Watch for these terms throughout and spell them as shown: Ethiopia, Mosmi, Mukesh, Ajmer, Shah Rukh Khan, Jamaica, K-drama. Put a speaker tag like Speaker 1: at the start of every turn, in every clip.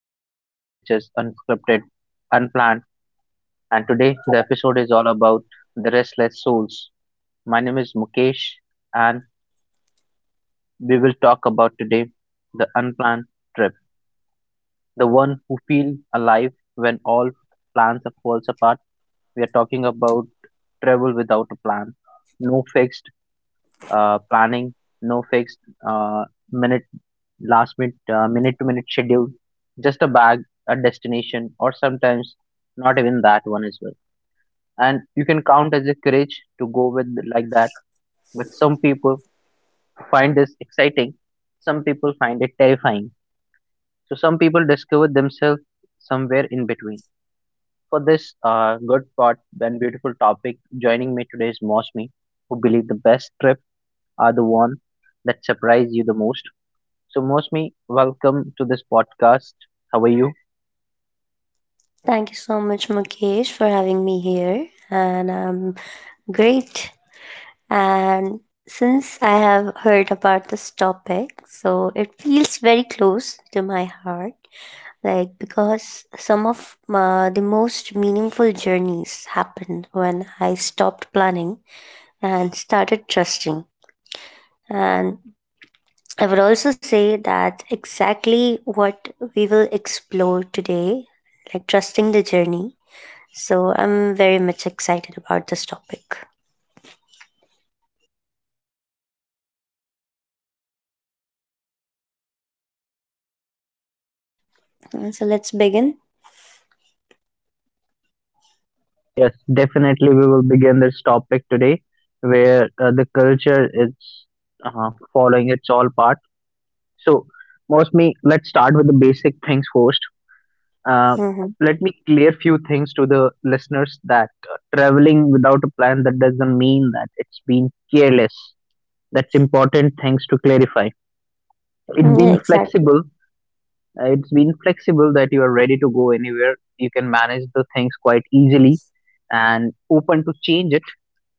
Speaker 1: like, which is unscripted, unplanned, and today the episode is all about the restless souls. My name is Mukesh, and we will talk about today the unplanned trip, the one who feel alive when all plans falls apart. We are talking about travel without a plan, no fixed planning, no fixed uh, minute, last minute, minute to minute schedule, just a bag, a destination, or sometimes not even that one as well. And you can count as a courage to go with like that. But some people find this exciting, some people find it terrifying. So some people discover themselves somewhere in between. For this good part and beautiful topic, joining me today is Mosmi, who believe the best trip are the one that surprise you the most. So, Mosmi, welcome to this podcast. How are you?
Speaker 2: Thank you so much, Mukesh, for having me here. And I'm great. And since I have heard about this topic, so it feels very close to my heart. Like, because some of the most meaningful journeys happened when I stopped planning and started trusting. And I would also say that exactly what we will explore today, like trusting the journey. So I'm very much excited about this topic. So let's begin.
Speaker 1: Yes, definitely. We will begin this topic today where the culture is following its all part. So, mostly, let's start with the basic things first. Uh,
Speaker 2: Mm-hmm.
Speaker 1: Let me clear few things to the listeners that traveling without a plan that doesn't mean that it's been careless. That's important things to clarify. It's been
Speaker 2: Yeah, exactly.
Speaker 1: flexible. It's been flexible that you are ready to go anywhere. You can manage the things quite easily and open to change it.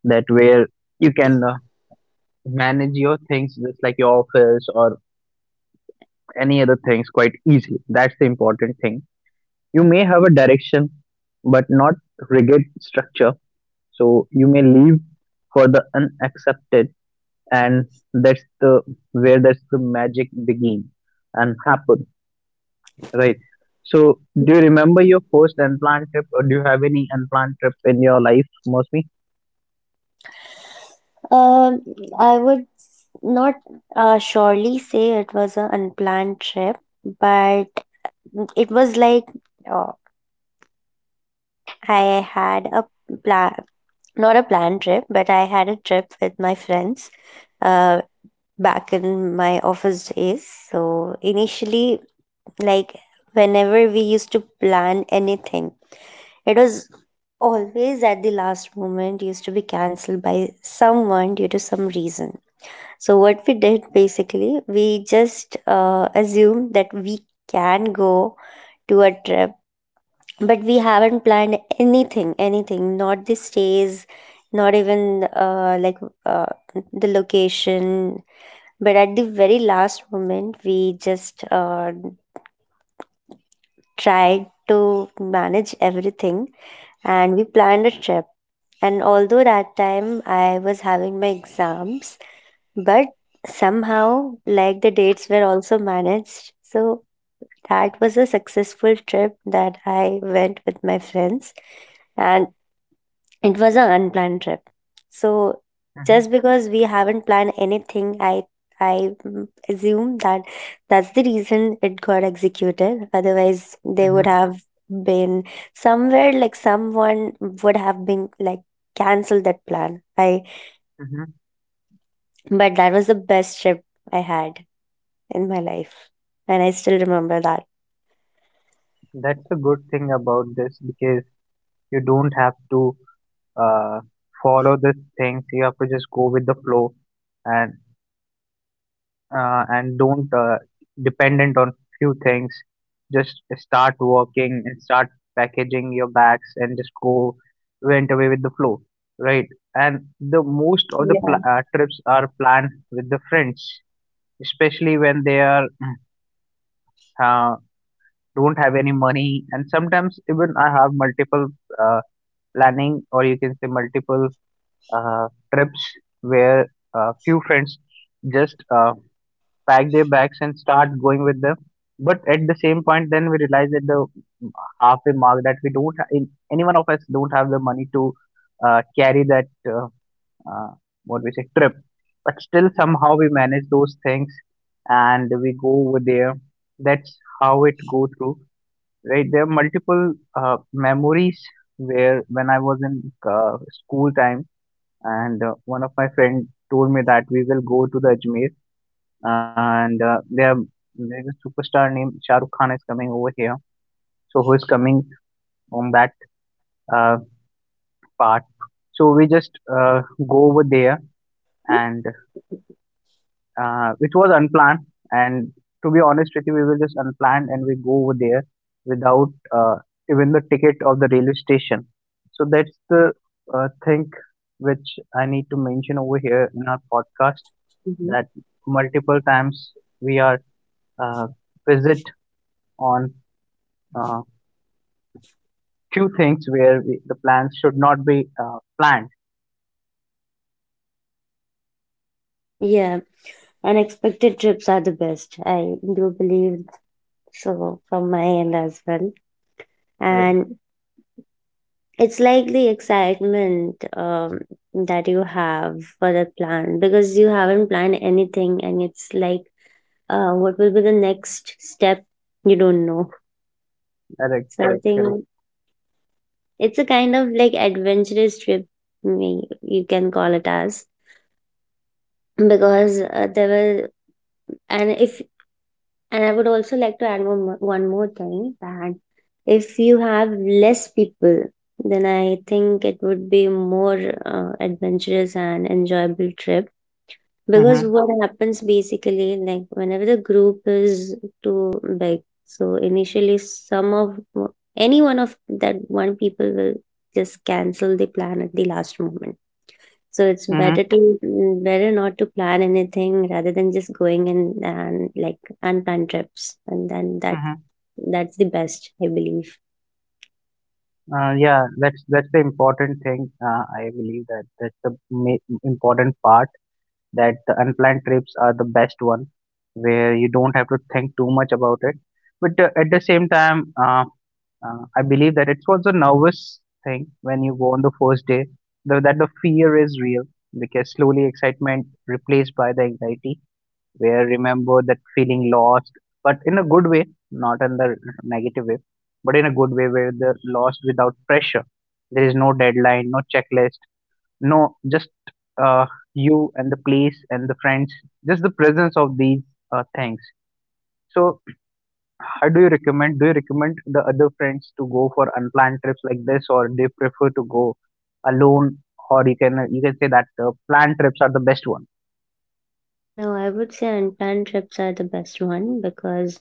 Speaker 1: That where you can manage your things just like your office or any other things quite easily. That's the important thing. You may have a direction, but not rigid structure. So you may leave for the unaccepted, and that's the that's the magic begin and happen. Right. So, do you remember your first unplanned trip, or do you have any unplanned trip in your life, Mostly?
Speaker 2: Um, I would not surely say it was an unplanned trip, but it was like uh, I had a plan, not a planned trip, but I had a trip with my friends. Uh, Back in my office days. So initially, like whenever we used to plan anything, it was always at the last moment used to be cancelled by someone due to some reason. So what we did basically, we just assumed that we can go to a trip, but we haven't planned anything, not the stays, not even uh, the location, but at the very last moment, we just tried to manage everything and we planned a trip. And although that time I was having my exams, but somehow, like the dates were also managed. So that was a successful trip that I went with my friends. And it was an unplanned trip. So
Speaker 1: hmm
Speaker 2: just because we haven't planned anything, I assume that that's the reason it got executed. Otherwise, they would
Speaker 1: hmm
Speaker 2: have been somewhere like someone would have been like canceled that plan. I
Speaker 1: hmm
Speaker 2: but that was the best trip I had in my life, and I still remember that.
Speaker 1: That's the good thing about this, because you don't have to uh, follow these things. You have to just go with the flow, and don't dependent on few things, just start working and start packaging your bags and just go went away with the flow, right? And the most of the
Speaker 2: Yeah.
Speaker 1: pl- uh, trips are planned with the friends, especially when they are uh, don't have any money, and sometimes even I have multiple uh, planning, or you can say multiple uh, trips where few friends just pack their bags and start going with them. But at the same point, then we realize at the halfway mark that we don't, ha- in, any one of us don't have the money to carry that uh, what we say trip. But still, somehow we manage those things and we go over there. That's how it go through, right? There are multiple memories where when I was in school time, and one of my friend told me that we will go to the Ajmer, and there's a superstar named Shah Rukh Khan is coming over here, so who is coming on that uh, part. So we just go over there, and it was unplanned. And to be honest with you, we were just unplanned, and we go over there without even the ticket of the railway station. So that's the thing which I need to mention over here in our podcast,
Speaker 2: Mhm.
Speaker 1: that multiple times we are uh, visit on uh, two things where we, the plans should not be planned.
Speaker 2: Yeah, unexpected trips are the best. I do believe so from my end as well.
Speaker 1: Right.
Speaker 2: And it's like the excitement that you have for the plan because you haven't planned anything, and it's like, what will be the next step? You don't know.
Speaker 1: Correct.
Speaker 2: So I
Speaker 1: Correct. Correct.
Speaker 2: think it's a kind of like adventurous trip, me you can call it as because there were and if. And I would also like to add one more thing that if you have less people, then I think it would be more adventurous and enjoyable trip. Because
Speaker 1: Mm-hmm.
Speaker 2: what happens basically, like whenever the group is too big, so initially some of any one of that one people will just cancel the plan at the last moment. So it's
Speaker 1: Mm-hmm.
Speaker 2: better to better not to plan anything rather than just going and like unplanned trips, and then that
Speaker 1: Mm-hmm.
Speaker 2: that's the best, I believe.
Speaker 1: Yeah, that's the important thing. I believe that that's the important part. That the unplanned trips are the best one, where you don't have to think too much about it. But at the same time, I believe that it's also nervous thing when you go on the first day. Though that the fear is real, because slowly excitement replaced by the anxiety, where remember that feeling lost, but in a good way, not in the negative way, but in a good way where the lost without pressure. There is no deadline, no checklist, no just uh, you and the place and the friends, just the presence of these things. So, how do you recommend? Do you recommend the other friends to go for unplanned trips like this, or do you prefer to go alone? Or you can say that planned trips are the best one.
Speaker 2: No, I would say unplanned trips are the best one because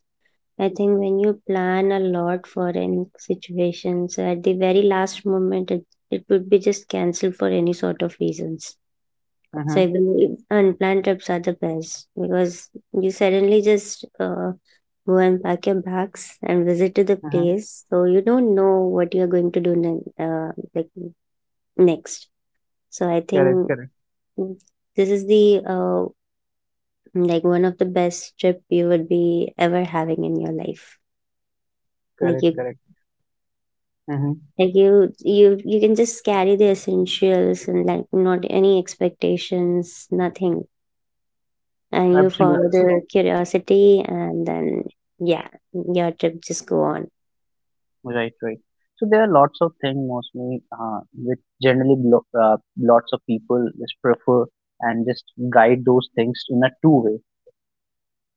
Speaker 2: I think when you plan a lot for any situation, so at the very last moment, it would be just cancelled for any sort of reasons. So I
Speaker 1: Mm-hmm,
Speaker 2: believe unplanned trips are the best because you suddenly just go and pack your bags and visit to the
Speaker 1: mm-hmm.
Speaker 2: place. So you don't know what you're going to do like next. So I
Speaker 1: Correct,
Speaker 2: think
Speaker 1: correct,
Speaker 2: mm, this is the like one of the best trip you would be ever having in your life. Like
Speaker 1: correct,
Speaker 2: you
Speaker 1: correct. Mm-hmm.
Speaker 2: like you can just carry the essentials and like not any expectations, nothing and you follow
Speaker 1: Absolutely.
Speaker 2: the curiosity and then yeah your trip just go on.
Speaker 1: Right, right. So there are lots of things mostly which generally lots of people just prefer and just guide those things in a two way.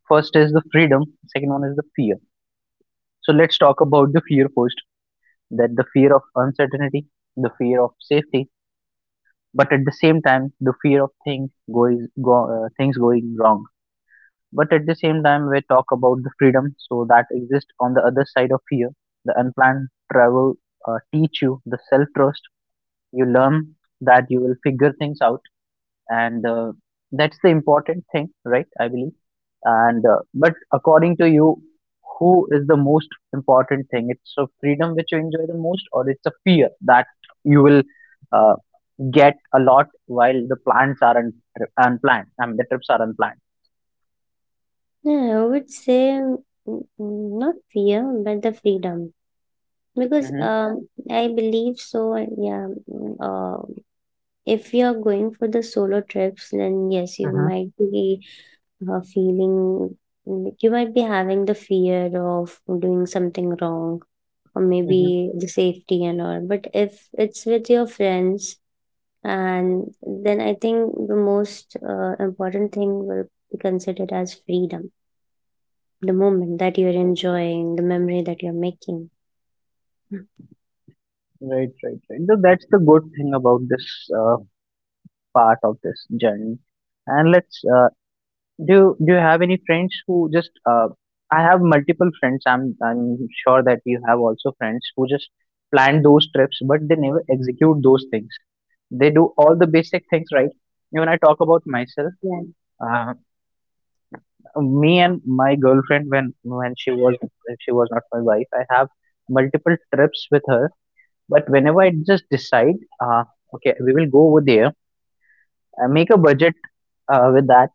Speaker 1: First is the freedom, second one is the fear. So let's talk about the fear first, that the fear of uncertainty, the fear of safety, but at the same time the fear of things going wrong. But at the same time, we talk about the freedom, so that exists on the other side of fear. The unplanned travel teach you the self trust. You learn that you will figure things out, and that's the important thing, right? I believe. And but according to you, who is the most important thing? It's a freedom which you enjoy the most, or it's a fear that you will uh, get a lot while the plans are unplanned. I mean, the trips are unplanned.
Speaker 2: Yeah, I would say not fear but the freedom, because
Speaker 1: Mm-hmm.
Speaker 2: I believe so. Yeah, mm, uh, if you're going for the solo trips then yes you might be feeling, you might be having the fear of doing something wrong or maybe
Speaker 1: Hmm.
Speaker 2: the safety and all, but if it's with your friends, and then I think the most important thing will be considered as freedom, the moment that you're enjoying, the memory that you're making. Mm.
Speaker 1: Right, right, right. So that's the good thing about this uh, part of this journey. And let's do. Do you have any friends who just? I have multiple friends. I'm sure that you have also friends who just plan those trips, but they never execute those things. They do all the basic things right. When I talk about myself,
Speaker 2: Yeah.
Speaker 1: uh, me and my girlfriend when she was not my wife, I have multiple trips with her. But whenever I just decide, uh, okay, we will go over there, I make a budget with that,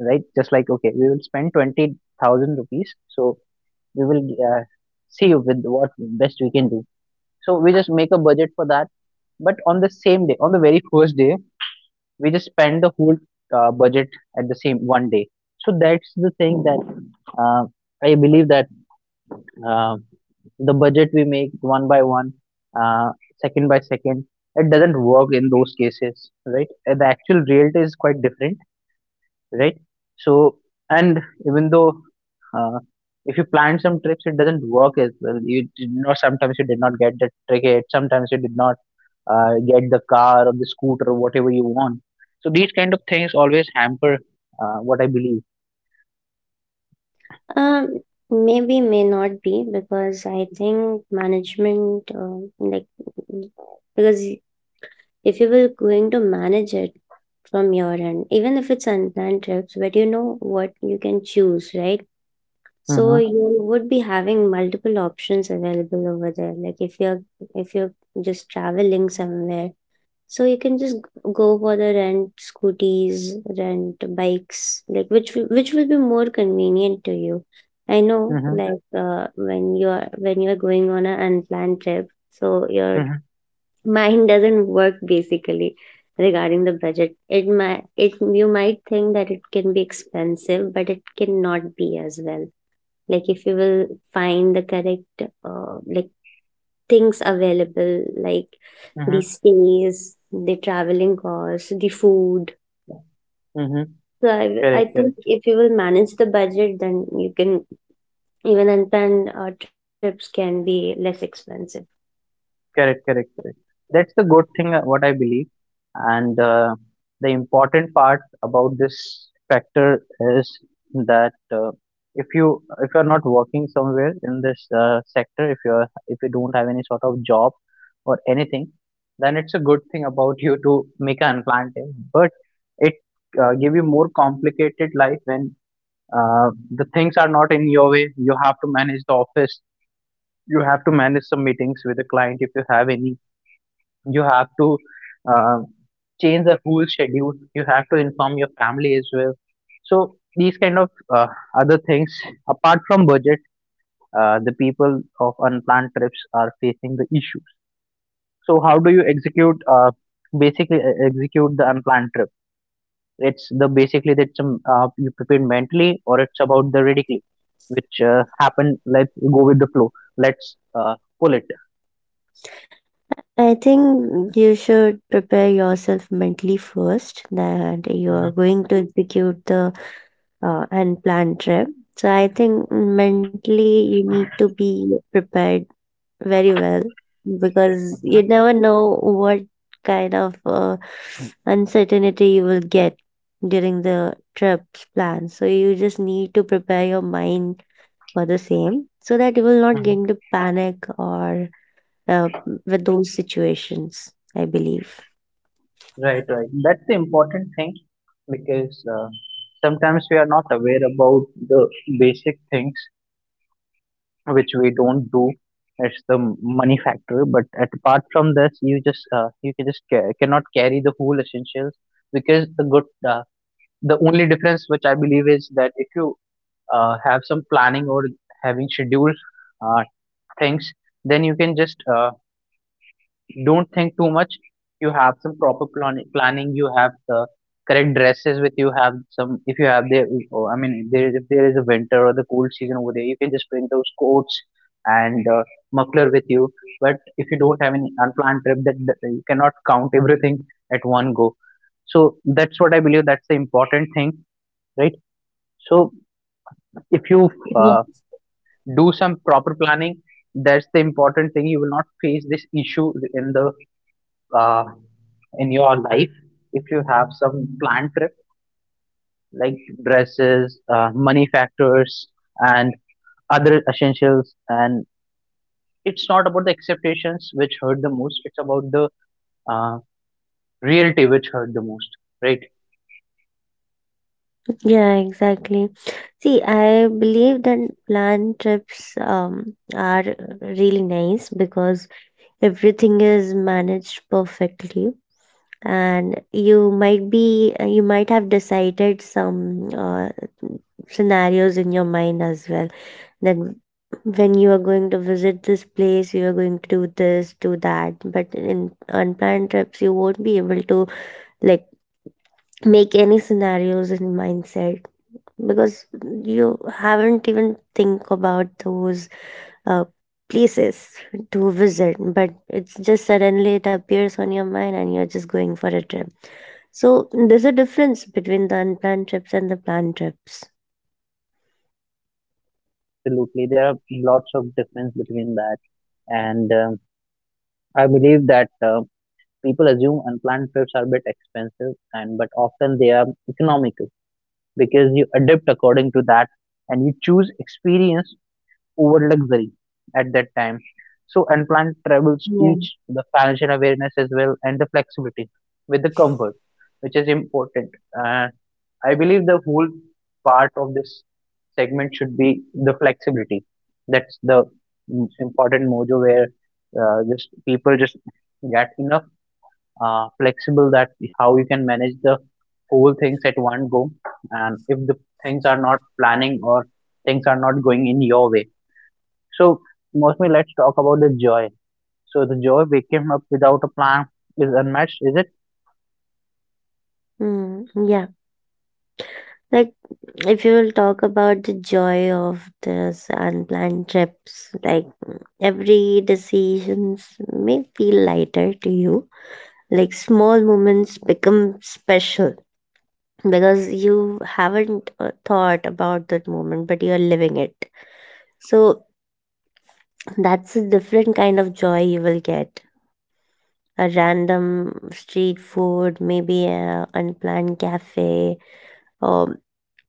Speaker 1: right? Just like, okay, we will spend 20,000 rupees. So we will see with what best we can do. So we just make a budget for that. But on the same day, on the very first day, we just spend the whole budget at the same one day. So that's the thing that uh, I believe that uh, the budget we make one by one, uh, second by second, it doesn't work in those cases, right? The actual reality is quite different, right? So, and even though uh, if you plan some trips, it doesn't work as well. You did not, sometimes you did not get the ticket, sometimes you did not get the car or the scooter or whatever you want. So, these kind of things always hamper what I believe.
Speaker 2: um Maybe may not be because I think management mm, because if you were going to manage it from your end, even if it's unplanned trips, but you know what you can choose, right? So
Speaker 1: Mm-hmm,
Speaker 2: you would be having multiple options available over there. Like if you're just traveling somewhere, so you can just go for the rent scooties, rent bikes, like which will be more convenient to you. I know,
Speaker 1: mm-hmm,
Speaker 2: like when you're going on an unplanned trip, so your
Speaker 1: mm-hmm,
Speaker 2: mind doesn't work basically regarding the budget. It might it you might think that it can be expensive, but it cannot be as well. Like if you will find the correct like things available like the
Speaker 1: mm-hmm,
Speaker 2: stays, the traveling costs, the food.
Speaker 1: mm-hmm.
Speaker 2: So I
Speaker 1: Correct,
Speaker 2: think
Speaker 1: correct.
Speaker 2: if you will manage the budget then you can even unplanned trips can be less expensive.
Speaker 1: Correct, correct, correct. That's the good thing, what I believe. And the important part about this factor is that if you're not working somewhere in this sector, if you don't have any sort of job or anything, then it's a good thing about you to make an planting. But it give you more complicated life when the things are not in your way. You have to manage the office. You have to manage some meetings with the client if you have any, you have to uh, change the whole schedule, you have to inform your family as well, so these kind of uh, other things apart from budget, the people of unplanned trips are facing the issues. So how do you execute basically execute the unplanned trip? It's the basically that's you prepare mentally, or it's about the ridiculous which happen, let's go with the flow, let's pull it.
Speaker 2: I think you should prepare yourself mentally first that you are
Speaker 1: Mhm.
Speaker 2: going to execute the unplanned trip. So I think mentally you need to be prepared very well because you never know what kind of uncertainty you will get during the trip's plan. So you just need to prepare your mind for the same so that you will not get
Speaker 1: Mhm.
Speaker 2: into panic or uh, with those situations, I believe.
Speaker 1: Right, right. That's the important thing, because sometimes we are not aware about the basic things which we don't do. It's the money factor, but apart from this, you just you can just cannot carry the whole essentials because the good, the only difference which I believe is that if you have some planning or having scheduled uh, things, then you can just don't think too much. You have some proper planning, you have the correct dresses with you. Have some, if you have the, if there is a winter or the cold season over there, you can just bring those coats and muffler with you. But if you don't have any unplanned trip, that you cannot count everything at one go. So that's what I believe, that's the important thing, right? So if you uh, do some proper planning, that's the important thing. You will not face this issue in the uh, in your life if you have some planned trip, like dresses, money factors, and other essentials. And it's not about the expectations which hurt the most, it's about the uh, reality which hurt the most, right?
Speaker 2: Yeah, exactly. See, I believe that planned trips are really nice because everything is managed perfectly and you might be you might have decided some scenarios in your mind as well, that when you are going to visit this place you are going to do this do that, but in unplanned trips you won't be able to like make any scenarios in mindset, because you haven't even think about those uh, places to visit, but it's just suddenly it appears on your mind and you're just going for a trip. So there's a difference between the unplanned trips and the planned trips.
Speaker 1: Absolutely. There are lots of difference between that. And I believe that people assume unplanned trips are a bit expensive, and but often they are economical because you adapt according to that and you choose experience over luxury at that time. So unplanned travels
Speaker 2: Yeah.
Speaker 1: teach the financial awareness as well, and the flexibility with the comfort, which is important. Uh, I believe the whole part of this segment should be the flexibility. That's the important mojo where just people just get enough flexible, that how you can manage the whole things at one go. And if the things are not planning, or things are not going in your way, so, mostly let's talk about the joy. So the joy waking up without a plan is unmatched, is it?
Speaker 2: Yeah. Like if you will talk about the joy of this unplanned trips, like every decisions may feel lighter to you. Like small moments become special because you haven't thought about that moment, but you're living it. So that's a different kind of joy you will get. A random street food, maybe a unplanned cafe, or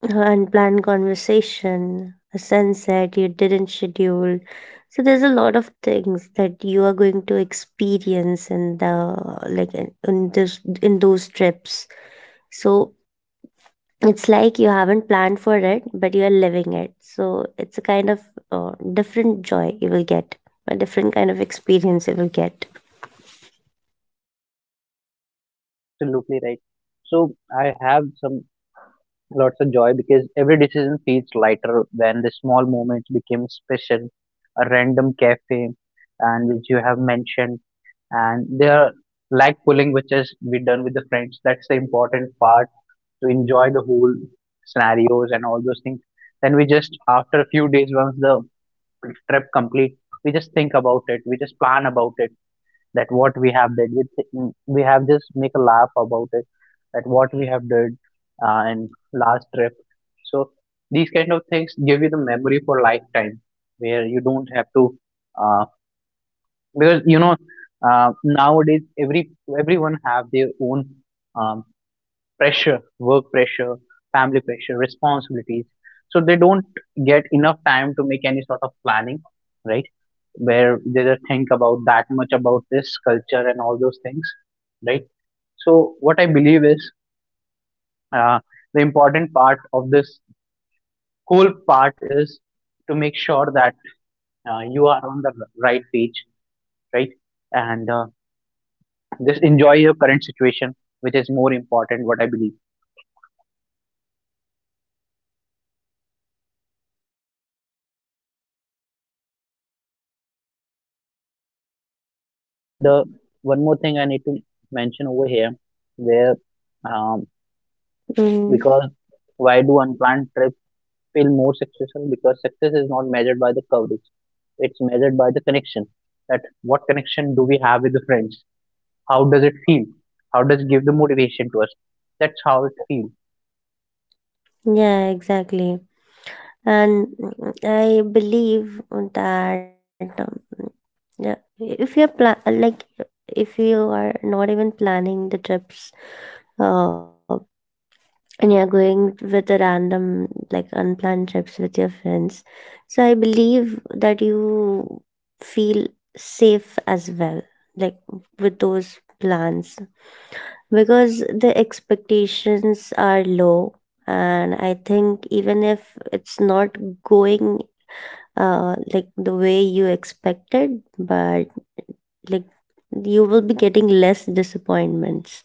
Speaker 2: unplanned conversation, a sunset you didn't schedule. So there's a lot of things that you are going to experience in the like in this in those trips. So it's like you haven't planned for it, but you are living it. So it's a kind of different joy you will get, a different kind of experience you will get.
Speaker 1: Absolutely right. So I have some lots of joy because every decision feels lighter when the small moments became special. A random cafe, and which you have mentioned, and they are like pulling, which is we done with the friends. That's the important part to enjoy the whole scenarios and all those things. Then we just, after a few days once the trip complete, we just think about it, we just plan about it, that what we have did we, we have just make a laugh about it that what we have did and last trip. So these kind of things give you the memory for lifetime, where you don't have to uh, because you know nowadays everyone have their own um, pressure, work pressure, family pressure, responsibilities, so they don't get enough time to make any sort of planning, right? Where they don't think about that much about this culture and all those things, right? So what I believe is uh, the important part of this whole part is to make sure that you are on the right page, right? And just enjoy your current situation, which is more important, what I believe. And one more thing I need to mention over here, where um,
Speaker 2: Mm,
Speaker 1: because why do unplanned trips feel more successful? Because success is not measured by the coverage. It's measured by the connection. That what connection do we have with the friends? How does it feel? How does it give the motivation to us? That's how it feels.
Speaker 2: yeah, exactly. And I believe that yeah if you're like if you are not even planning the trips uh, and you're going with a random like unplanned trips with your friends, so I believe that you feel safe as well, like with those plans, because the expectations are low, and I think even if it's not going like the way you expected, but like you will be getting less disappointments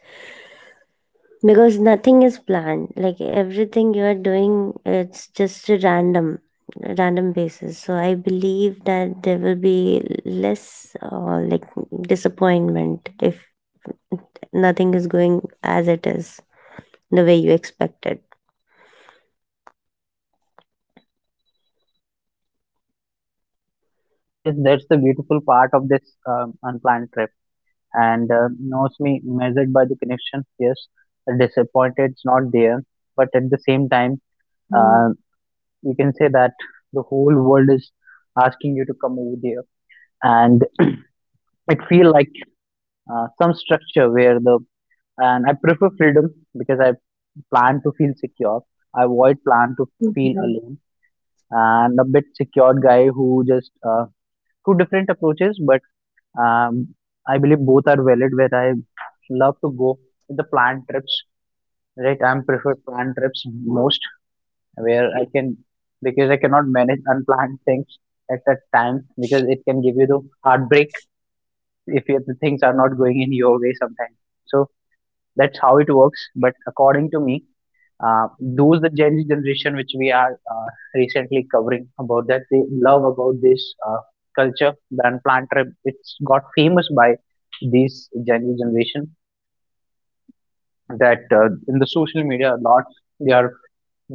Speaker 2: because nothing is planned, like everything you are doing it's just a random basis. So I believe that there will be less like disappointment if nothing is going as it is the way you expected.
Speaker 1: I guess that's the beautiful part of this unplanned trip. And knows me measured by the connection. Yes, disappointed it's not there, but at the same time,
Speaker 2: Mm.
Speaker 1: uh, you can say that the whole world is asking you to come over there, and it feel like some structure where the, and I prefer freedom because I plan to feel secure. I avoid plan to feel alone, and a bit secured guy who just two different approaches, but um, I believe both are valid. Where I love to go with the planned trips, right? I'm prefer planned trips most, where I can, because I cannot manage unplanned things at that time because it can give you the heartbreak if you, the things are not going in your way sometimes. So that's how it works. But according to me, those the Gen Z generation which we are recently covering about, that they love about this culture brand plant trip. It's got famous by this Gen Z generation, that in the social media a lot they are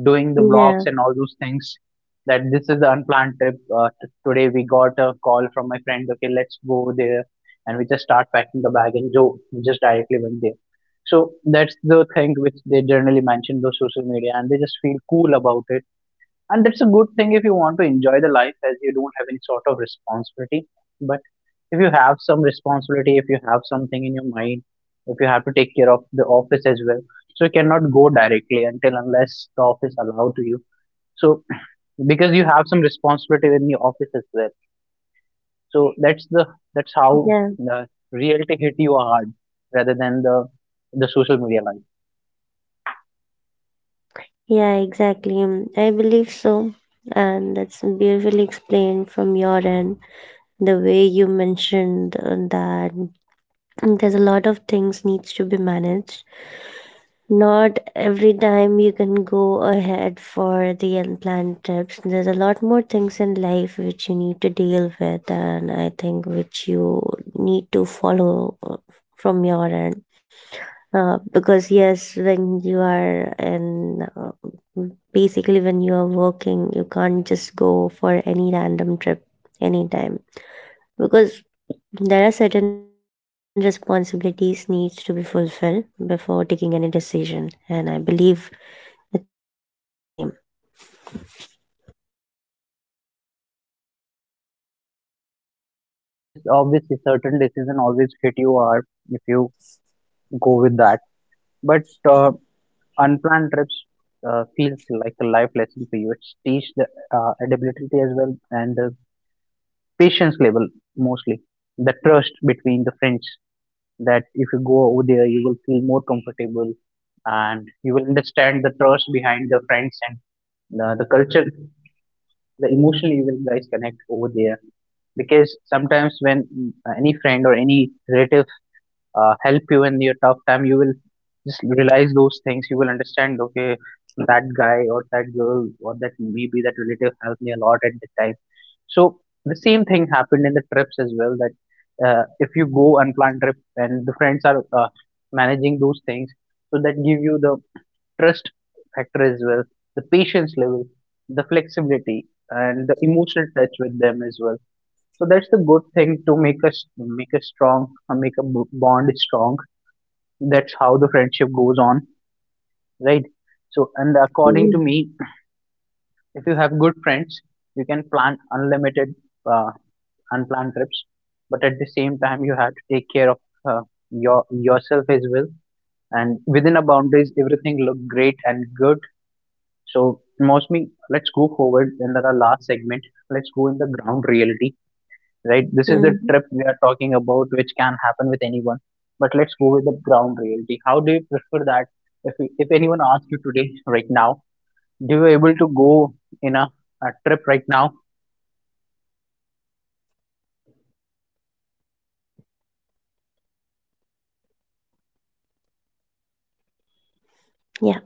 Speaker 1: doing the
Speaker 2: Yeah.
Speaker 1: vlogs and all those things, that this is the unplanned trip. Today we got a call from my friend, okay, let's go there. And we just start packing the bag and go. We just directly went there. So that's the thing which they generally mention those social media, and they just feel cool about it. And that's a good thing if you want to enjoy the life as you don't have any sort of responsibility. But if you have some responsibility, if you have something in your mind, if you have to take care of the office as well, so you cannot go directly until unless the office allow to you, so because you have some responsibility in the office as well. So that's the, that's how
Speaker 2: Yeah.
Speaker 1: the reality hit you hard, rather than the social media life.
Speaker 2: Yeah, exactly. I believe so. And that's beautifully explained from your end, the way you mentioned that there's a lot of things needs to be managed. Not every time you can go ahead for the unplanned trips. There's a lot more things in life which you need to deal with, and I think which you need to follow from your end, because yes, when you are in basically when you are working you can't just go for any random trip anytime, because there are certain responsibilities needs to be fulfilled before taking any decision, and I believe it's exactly the same.
Speaker 1: Yes, obviously certain decision always hit you hard if you go with that. But uh, unplanned trips feels like a life lesson for you. It's teach the adaptability as well, and the patience level mostly. The trust between the friends, that if you go over there, you will feel more comfortable, and you will understand the trust behind the friends and the culture, the emotionally you will guys connect over there. Because sometimes when any friend or any relative help you in your tough time, you will just realize those things, you will understand okay, that guy or that girl or that maybe that relative helped me a lot at the time. So the same thing happened in the trips as well, that if you go unplanned trip and the friends are managing those things, so that give you the trust factor as well, the patience level, the flexibility, and the emotional touch with them as well. So that's the good thing to make us, make us strong, make a bond strong. That's how the friendship goes on, right? So and according to
Speaker 2: Mhm.
Speaker 1: me, if you have good friends, you can plan unlimited uh, unplanned trips. But at the same time, you have to take care of uh, your yourself as well, and within a boundaries everything look great and good. So mostly let's go forward in the last segment, let's go in the ground reality, right? This is the
Speaker 2: Mhm.
Speaker 1: trip we are talking about, which can happen with anyone. But let's go with the ground reality. How do you prefer that? If you- if anyone asks you today, right now, do you able to go in a trip right now?
Speaker 2: Yeah.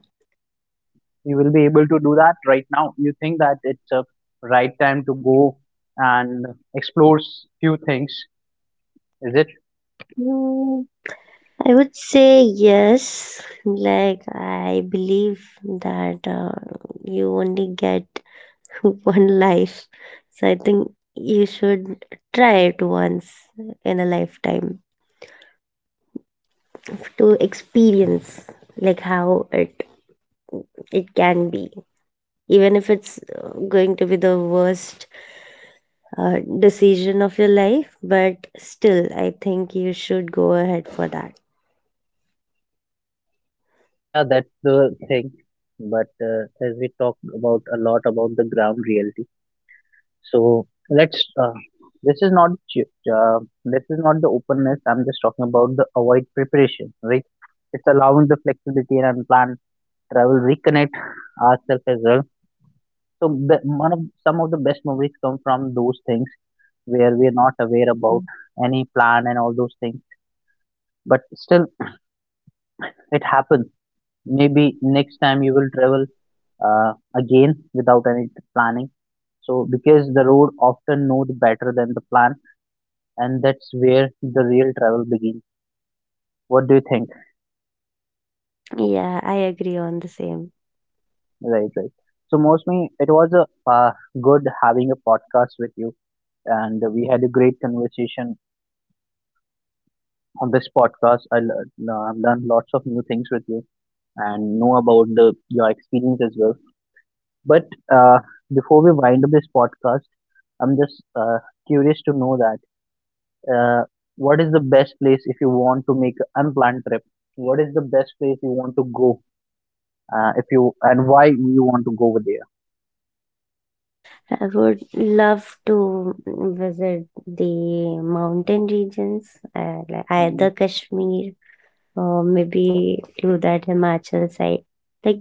Speaker 1: You will be able to do that right now. You think that it's a right time to go and explore few things, is it?
Speaker 2: Mm, I would say yes. Like I believe that you only get one life, so I think you should try it once in a lifetime to experience like how it it can be. Even if it's going to be the worst decision of your life, but still I think you should go ahead for that.
Speaker 1: Yeah, that's the thing. But as we talk about a lot about the ground reality. So let's. This is not. Uh, this is not the openness. I'm just talking about the avoid preparation, right? It's allowing the flexibility and unplanned travel, reconnect ourselves as well. So the, one of some of the best movies come from those things where we are not aware about any plan and all those things, but still it happens. Maybe next time you will travel again without any planning. So because the road often knows better than the plan, and that's where the real travel begins. What do you think?
Speaker 2: Yeah, I agree on the same.
Speaker 1: Right, right. So, mostly it was a good having a podcast with you, and we had a great conversation on this podcast. I learned, learned lots of new things with you and know about the, your experience as well. But uh, before we wind up this podcast, I'm just curious to know that uh, what is the best place if you want to make an unplanned trip? What is the best place you want to go if you, and why you want to go over there?
Speaker 2: I would love to visit the mountain regions, like
Speaker 1: Hmm.
Speaker 2: either Kashmir or maybe to that Himachal side. Like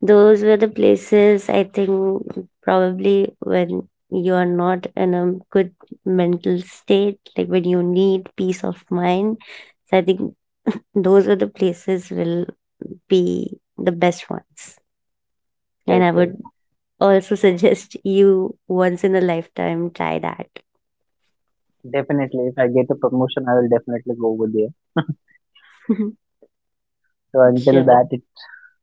Speaker 2: those were the places I think probably when you are not in a good mental state, like when you need peace of mind. So I think those are the places will be the best ones. And
Speaker 1: Correct,
Speaker 2: I
Speaker 1: correct.
Speaker 2: would also suggest you once in a lifetime try that.
Speaker 1: Definitely, if I get a promotion, I will definitely go over there.
Speaker 2: Mhm.
Speaker 1: So until
Speaker 2: Sure.
Speaker 1: that, it,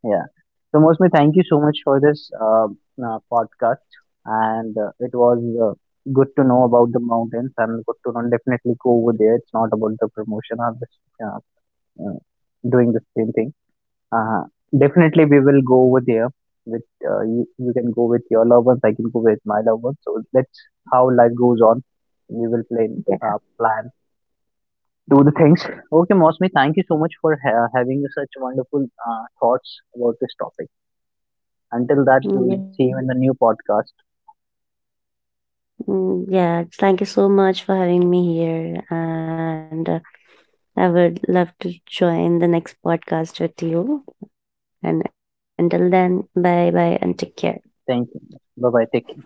Speaker 1: yeah. So mostly, thank you so much for this podcast, and it was uh, good to know about the mountains, and good to know definitely go over there. It's not about the promotion or this uh, uh, doing the same thing. Uh, definitely, we will go over there. With you, you can go with your loved ones. I can go with my loved ones. So that's how life goes on. We will plan, plan, do the things. Okay, Mosmi, thank you so much for having such wonderful thoughts about this topic. Until that, we will
Speaker 2: Yeah.
Speaker 1: see you in the new podcast.
Speaker 2: Yeah. Thank you so much for having me here. And I would love to join the next podcast with you. And until then, bye bye and take care.
Speaker 1: Thank you. Bye bye. Take